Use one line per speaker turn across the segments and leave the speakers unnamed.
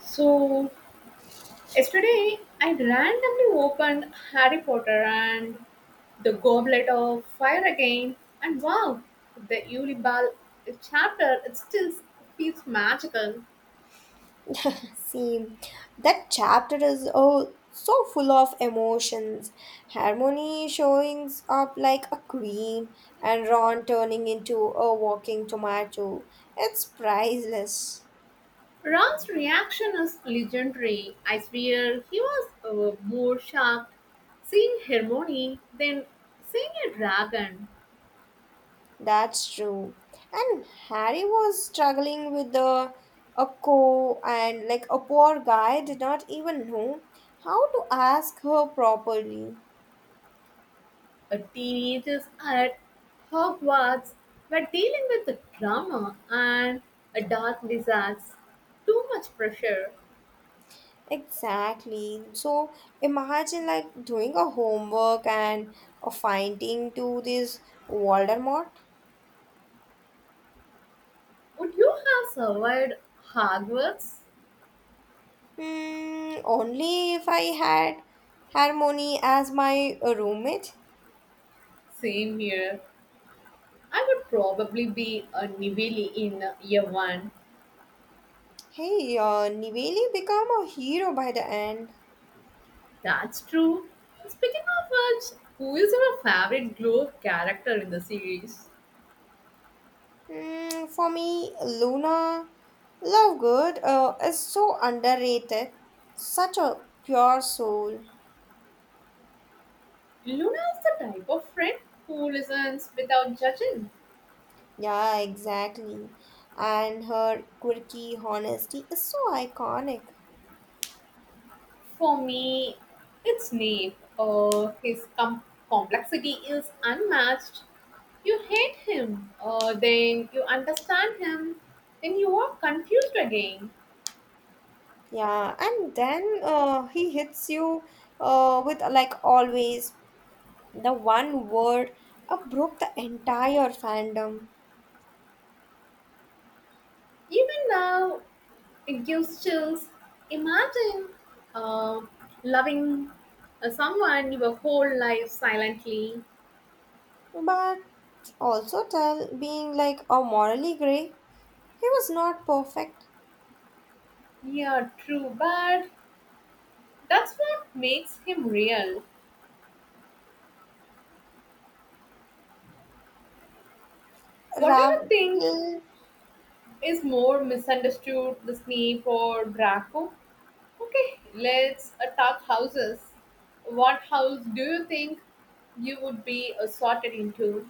So yesterday I randomly opened Harry Potter and the Goblet of Fire again, and wow, the Ulibal chapter it still feels magical.
See, that chapter is oh so full of emotions. Harmony showing up like a queen, and Ron turning into a walking tomato. It's priceless.
Ron's reaction is legendary. I swear he was more shocked seeing Hermione than seeing a dragon.
That's true. And Harry was struggling with the a co and like a poor guy did not even know how to ask her properly.
Teenagers at Hogwarts were dealing with the drama and a dark desires. Too much pressure.
Exactly. So imagine like doing a homework and a finding to this Voldemort.
Would you have survived Hogwarts?
Hmm, only if I had Harmony as my roommate.
Same here. I would probably be a Nivili in year one.
Hey, Niveli become a hero by the end.
That's true. Speaking of which, who is your favorite glow character in the series?
Hmm, for me, Luna Lovegood is so underrated. Such a pure soul.
Luna is the type of friend who listens without judging.
Yeah, exactly. And her quirky honesty is so iconic.
For me, it's Snape. His complexity is unmatched. You hate him, then you understand him, then you are confused again.
Yeah, and then he hits you with like always the one word broke the entire fandom.
Even now, it gives chills. Imagine uh, loving someone your whole life silently.
But also tell being like a morally gray, he was not perfect.
Yeah, true, but that's what makes him real. What do you
Rav
think is more misunderstood, the Snape or Draco? Okay, let's talk houses. What house do you think you would be sorted into?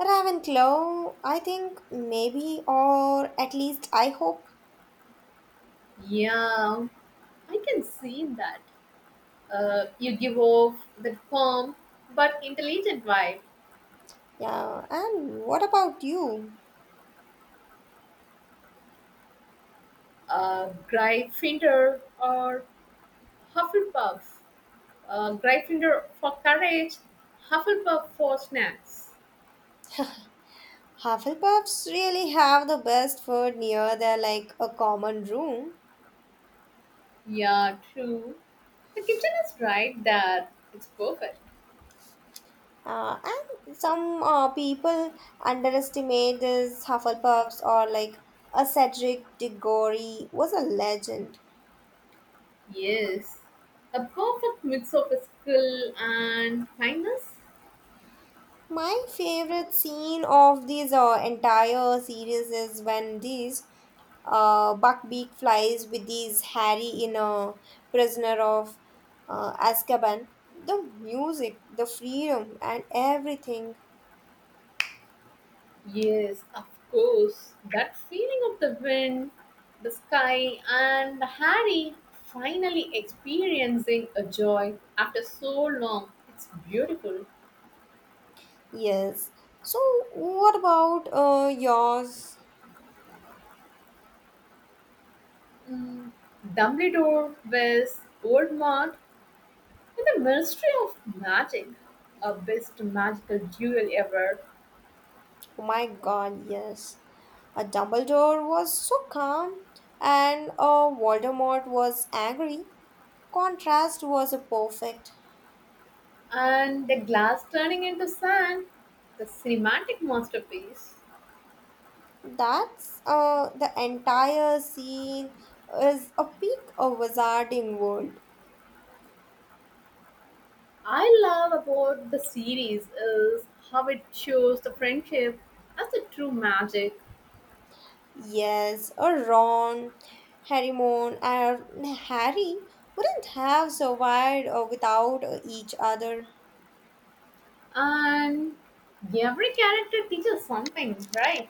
Ravenclaw, I think maybe or at least I hope.
Yeah, I can see that. You give off the calm but intelligent vibe.
Yeah, and what about you?
Gryffindor or Hufflepuff. Gryffindor for courage, Hufflepuff for snacks.
Hufflepuffs really have the best food near their like a common room.
Yeah, true. The kitchen is right there. It's perfect.
And some people underestimate this Hufflepuffs or like a Cedric Diggory was a legend.
Yes, a perfect mix of skill and kindness.
My favorite scene of these entire series is when these Buckbeak flies with these Harry in a prisoner of Azkaban. The music, the freedom, and everything.
Yes, of course. That feeling of the wind, the sky, and Harry finally experiencing a joy after so long. It's beautiful.
Yes. So, what about yours?
Mm, Dumbledore with Old Mart with a mystery of magic, a best magical duel ever,
Oh my God, yes. A Dumbledore was so calm, and Voldemort was angry. Contrast was a perfect.
and the glass turning into sand, the cinematic masterpiece.
That's the entire scene is a peak of wizarding world.
I love about the series is how it shows the friendship as the true magic,
Yes, a Ron, Harry and Harry wouldn't have survived without each other.
and every character teaches something, right?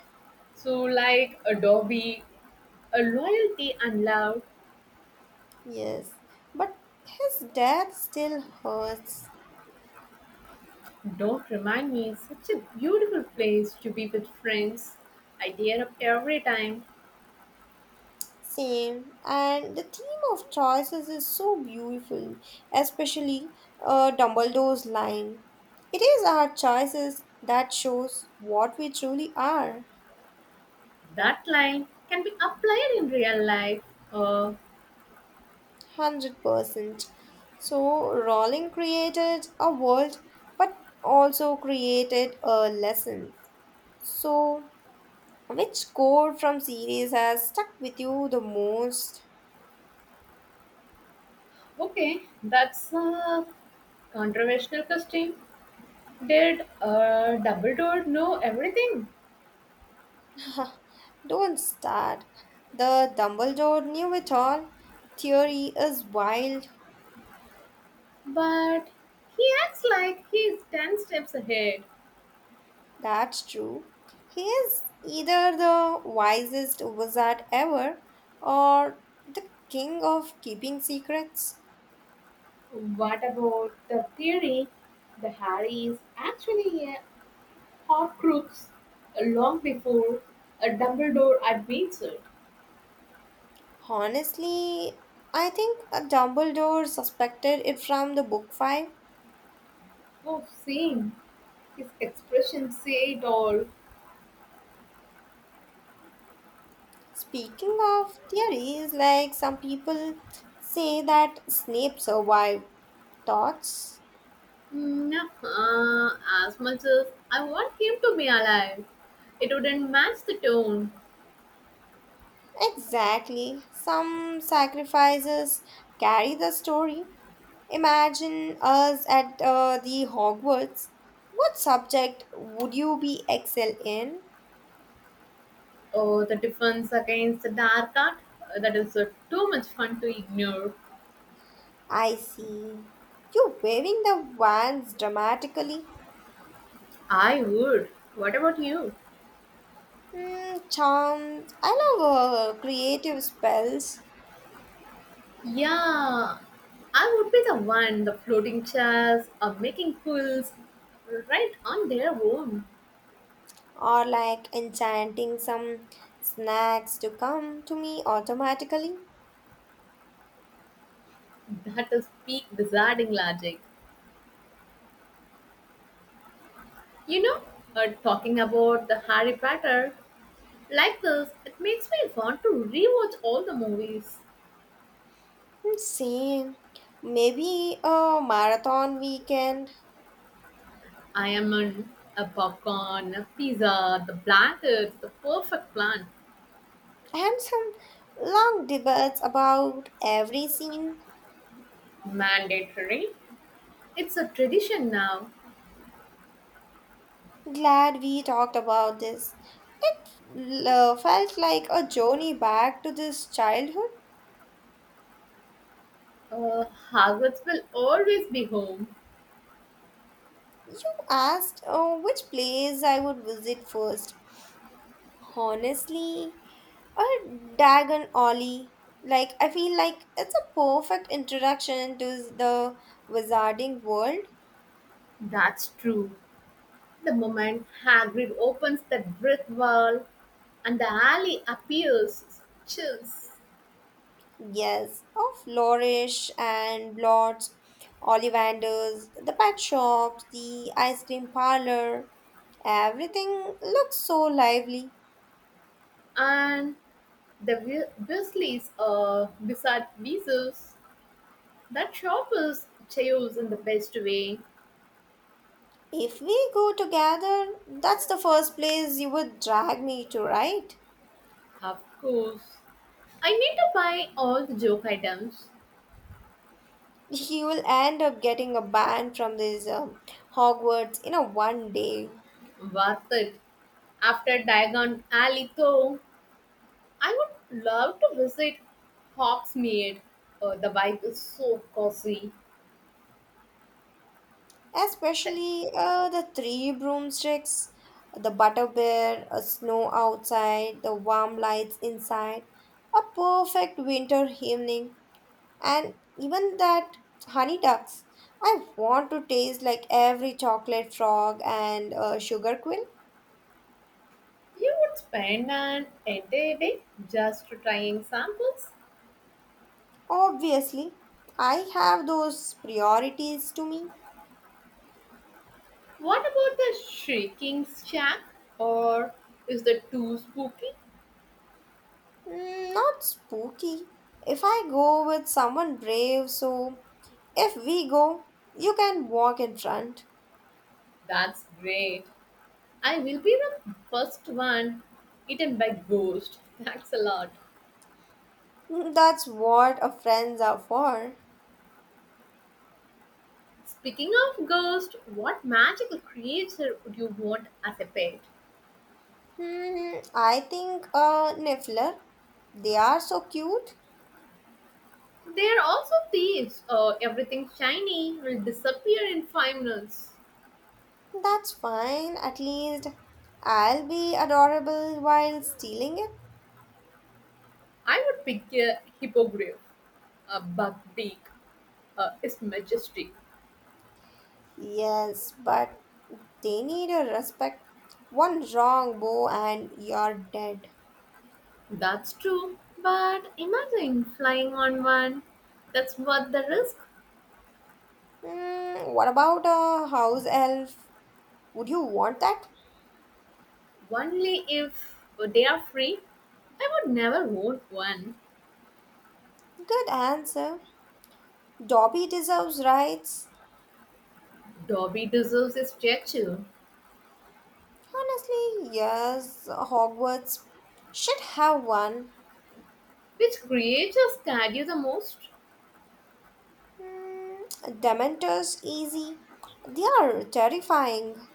So, like Adobe, a loyalty and love
Yes, but his death still hurts.
don't remind me such a beautiful place to be with friends. I tear up every time.
Same. And the theme of choices is so beautiful, especially Dumbledore's line. It is our choices that shows what we truly are.
That line can be applied in real life. Uh,
100%. So, Rowling created a world but also created a lesson. So, which quote from series has stuck with you the most?
okay, that's a controversial question, did Dumbledore know everything?
Don't start. The Dumbledore knew it all. Theory is wild,
But he acts like he's 10 steps ahead.
that's true. He is either the wisest wizard ever or the king of keeping secrets.
What about the theory that Harry is actually a Horcrux long before Dumbledore admits it?
Honestly, I think a Dumbledore suspected it from the book 5.
Oh, same. His expressions say it all.
Speaking of theories, like some people say that Snape survived thoughts.
No, as much as I want him to be alive, it wouldn't match the tone.
Exactly. Some sacrifices carry the story. Imagine us at the Hogwarts. What subject would you be excel in?
Oh, the defense against the dark art. That is too much fun to ignore.
I see. You're waving the wands dramatically.
I would. What about you?
Mm, charms. I love creative spells
Yeah, I would be the one, the floating chairs or making pools right on their own.
or like enchanting some snacks to come to me automatically.
That is peak wizarding logic. You know, talking about the Harry Potter like this, it makes me want to rewatch all the movies.
Hmm, same. Maybe a marathon weekend
I am on a popcorn, a pizza, the blankets, the perfect plan.
and some long debates about every scene.
Mandatory. It's a tradition now.
Glad we talked about this. It felt like a journey back to this childhood.
Uh, Hogwarts will always be home.
You asked which place I would visit first. Honestly, a Dagon Ollie. Like, I feel like it's a perfect introduction to the wizarding world.
That's true. The moment Hagrid opens that brick wall and the alley appears, chills,
Yes, of Flourish and Blots, Ollivanders, the pet shops, the ice cream parlor, everything looks so lively.
and the Weasleys are beside Weasels. That shop is chaos in the best way.
If we go together, that's the first place you would drag me to, right?
Of course. I need to buy all the joke items.
You will end up getting a ban from this Hogwarts in a 1 day.
Worth it. After Diagon Alley, though, I would love to visit Hogsmeade. The vibe is so cozy. Uh,
Especially the three broomsticks, the butter bear, a snow outside, the warm lights inside, a perfect winter evening, and even that honey ducks. I want to taste like every chocolate frog and sugar quill.
You would spend an entire day just trying samples.
Obviously, I have those priorities to me.
What about the Shrieking Shack? Or is that too spooky?
Mm, not spooky. If I go with someone brave, so if we go, you can walk in front.
That's great. I will be the first one eaten by ghost. Thanks a lot.
Hmm, that's what a friends are for.
Speaking of ghost, what magical creature would you want as a pet?
Hmm, I think a Niffler. They are so cute.
They are also thieves. Everything shiny will disappear in 5 minutes.
That's fine. At least I'll be adorable while stealing it.
I would pick a hippogriff. A buckbeak is majestic.
Yes, but they need a respect. One wrong bow and you're dead.
That's true, but imagine flying on one. That's worth the risk.
Hmm, what about a house elf? Would you want that?
Only if they are free. I would never want one.
Good answer. Dobby deserves rights.
Dobby deserves a statue.
Honestly, yes, Hogwarts should have one.
Which creature scared you the most?
Hmm, Dementors, easy. They are terrifying.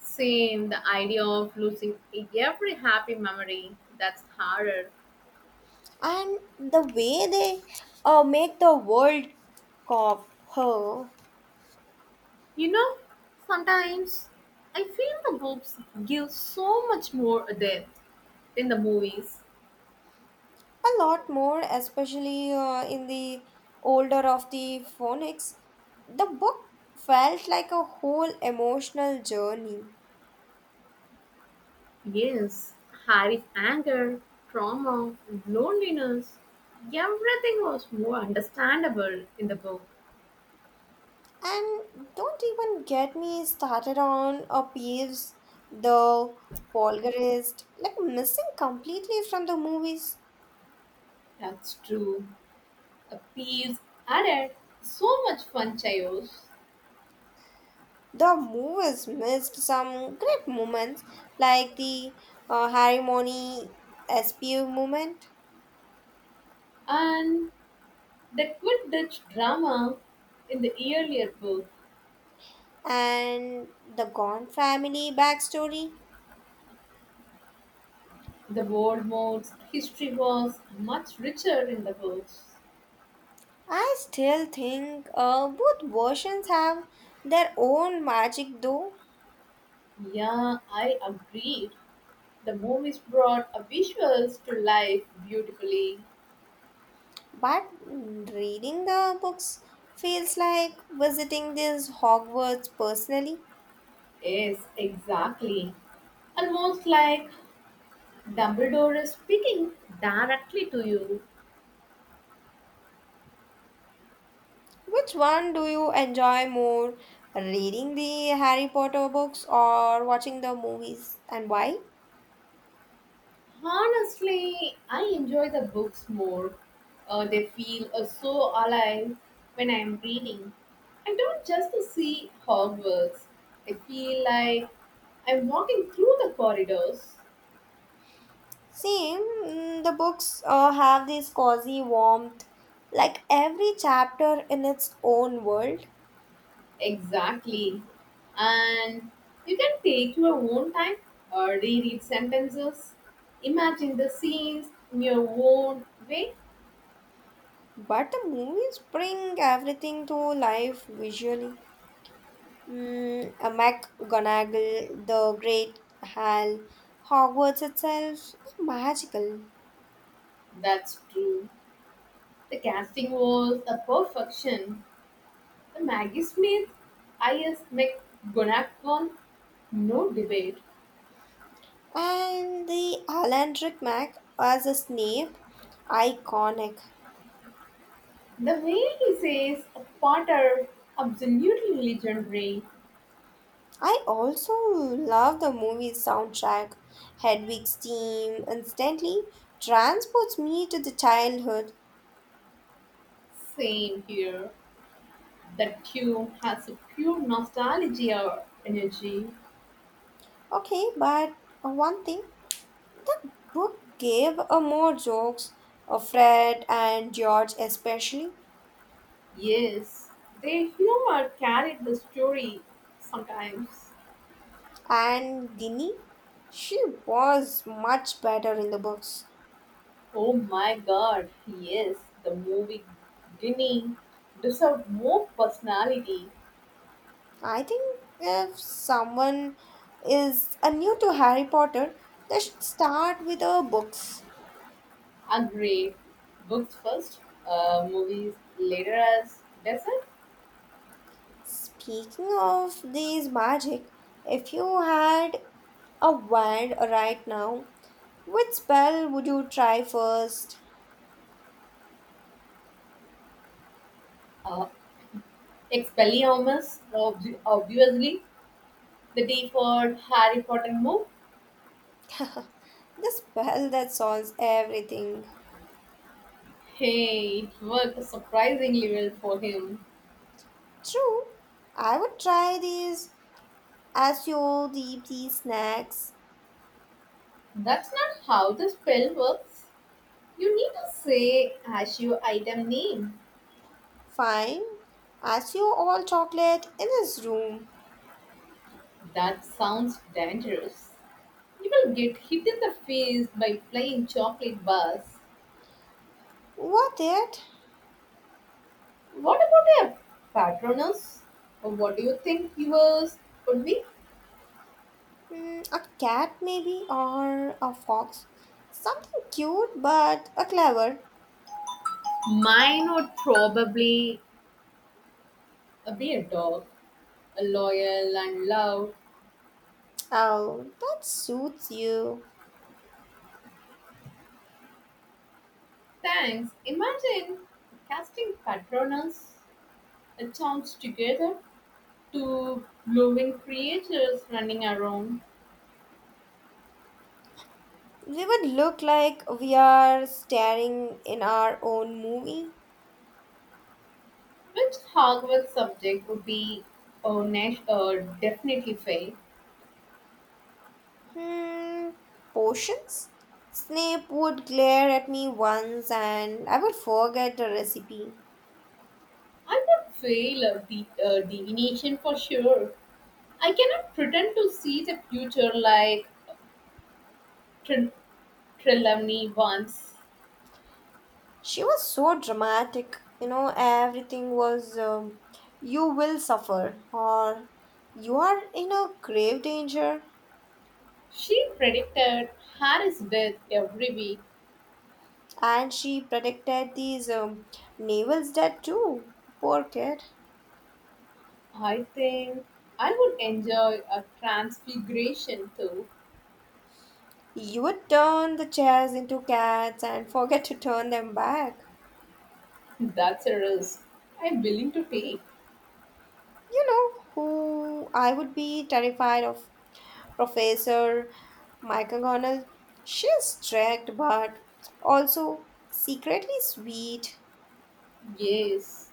Same, the idea of losing every happy memory. That's harder.
And the way they make the world cough her
You know, sometimes I feel the books give so much more depth than the movies.
a lot more, especially in the older of the phonics. The book felt like a whole emotional journey.
Yes, Harry's anger, trauma, loneliness, everything was more understandable in the book.
And don't even get me started on a Peeves, the Polgarist, like missing completely from the movies.
That's true. The Peeves added so much fun chaos.
The movies missed some great moments, like the Harimony SPU movement
And the Quidditch drama in the earlier book,
and the Gone family backstory.
the world modes, history was much richer in the books.
I still think both versions have their own magic, though.
Yeah, I agree. The movies brought a visuals to life beautifully.
But reading the books feels like visiting this Hogwarts personally.
Yes, exactly. Almost like Dumbledore is speaking directly to you.
Which one do you enjoy more, reading the Harry Potter books or watching the movies, and why?
Honestly, I enjoy the books more. They feel so alive when I am reading. I don't just see Hogwarts. I feel like I'm walking through the corridors.
Same, mm, the books have this cozy warmth, like every chapter in its own world.
Exactly. And you can take your own time or reread sentences. Imagine the scenes in your own way.
But the movies bring everything to life visually. Mm, a McGonagall, the Great Hall, Hogwarts itself, magical.
That's true. The casting was a perfection. The Maggie Smith, I.S. McGonagall, no debate.
And the Alan Rickman as a Snape, iconic.
The way he says Potter, absolutely legendary.
I also love the movie soundtrack. Hedwig's theme instantly transports me to the childhood.
Same here. That tune has a pure nostalgia energy.
Okay, but one thing, the book gave a more jokes of Fred and George especially.
Yes, their humor carried the story sometimes.
And Ginny, she was much better in the books.
Oh my god, yes, the movie Ginny deserved more personality.
I think if someone is a new to Harry Potter, they should start with the books.
Agreed. Books first, movies later as desert.
Speaking of these magic, if you had a wand right now, which spell would you try first?
Uh, Expelliarmus, obviously, the default Harry Potter move.
The spell that solves everything.
Hey, it worked surprisingly well for him.
True, I would try these as you deep these snacks.
That's not how the spell works. You need to say as your item name.
Fine, as you all chocolate in this room.
That sounds dangerous. You will get hit in the face by flying chocolate bars.
What it?
What about a patronus? Or what do you think yours would be?
Mm, a cat maybe or a fox. Something cute but a clever.
Mine would probably be a beer dog, a loyal and loud.
Oh, that suits you.
Thanks. Imagine casting patronus, a chance together, two glowing creatures running around.
We would look like we are staring in our own movie.
Which Hogwarts subject would be next? Definitely fail.
Hmm, potions? Snape would glare at me once and I would forget the recipe.
I would fail the divination for sure. I cannot pretend to see the future like Tre- Trelawney once.
She was so dramatic, you know, everything was you will suffer or you are in a grave danger.
She predicted Harry's death every week.
And she predicted these Neville's death too. Poor kid.
I think I would enjoy a transfiguration too.
You would turn the chairs into cats and forget to turn them back.
That's a risk I'm willing to take.
You know who I would be terrified of? Professor McGonagall. She is strict but also secretly sweet.
Yes.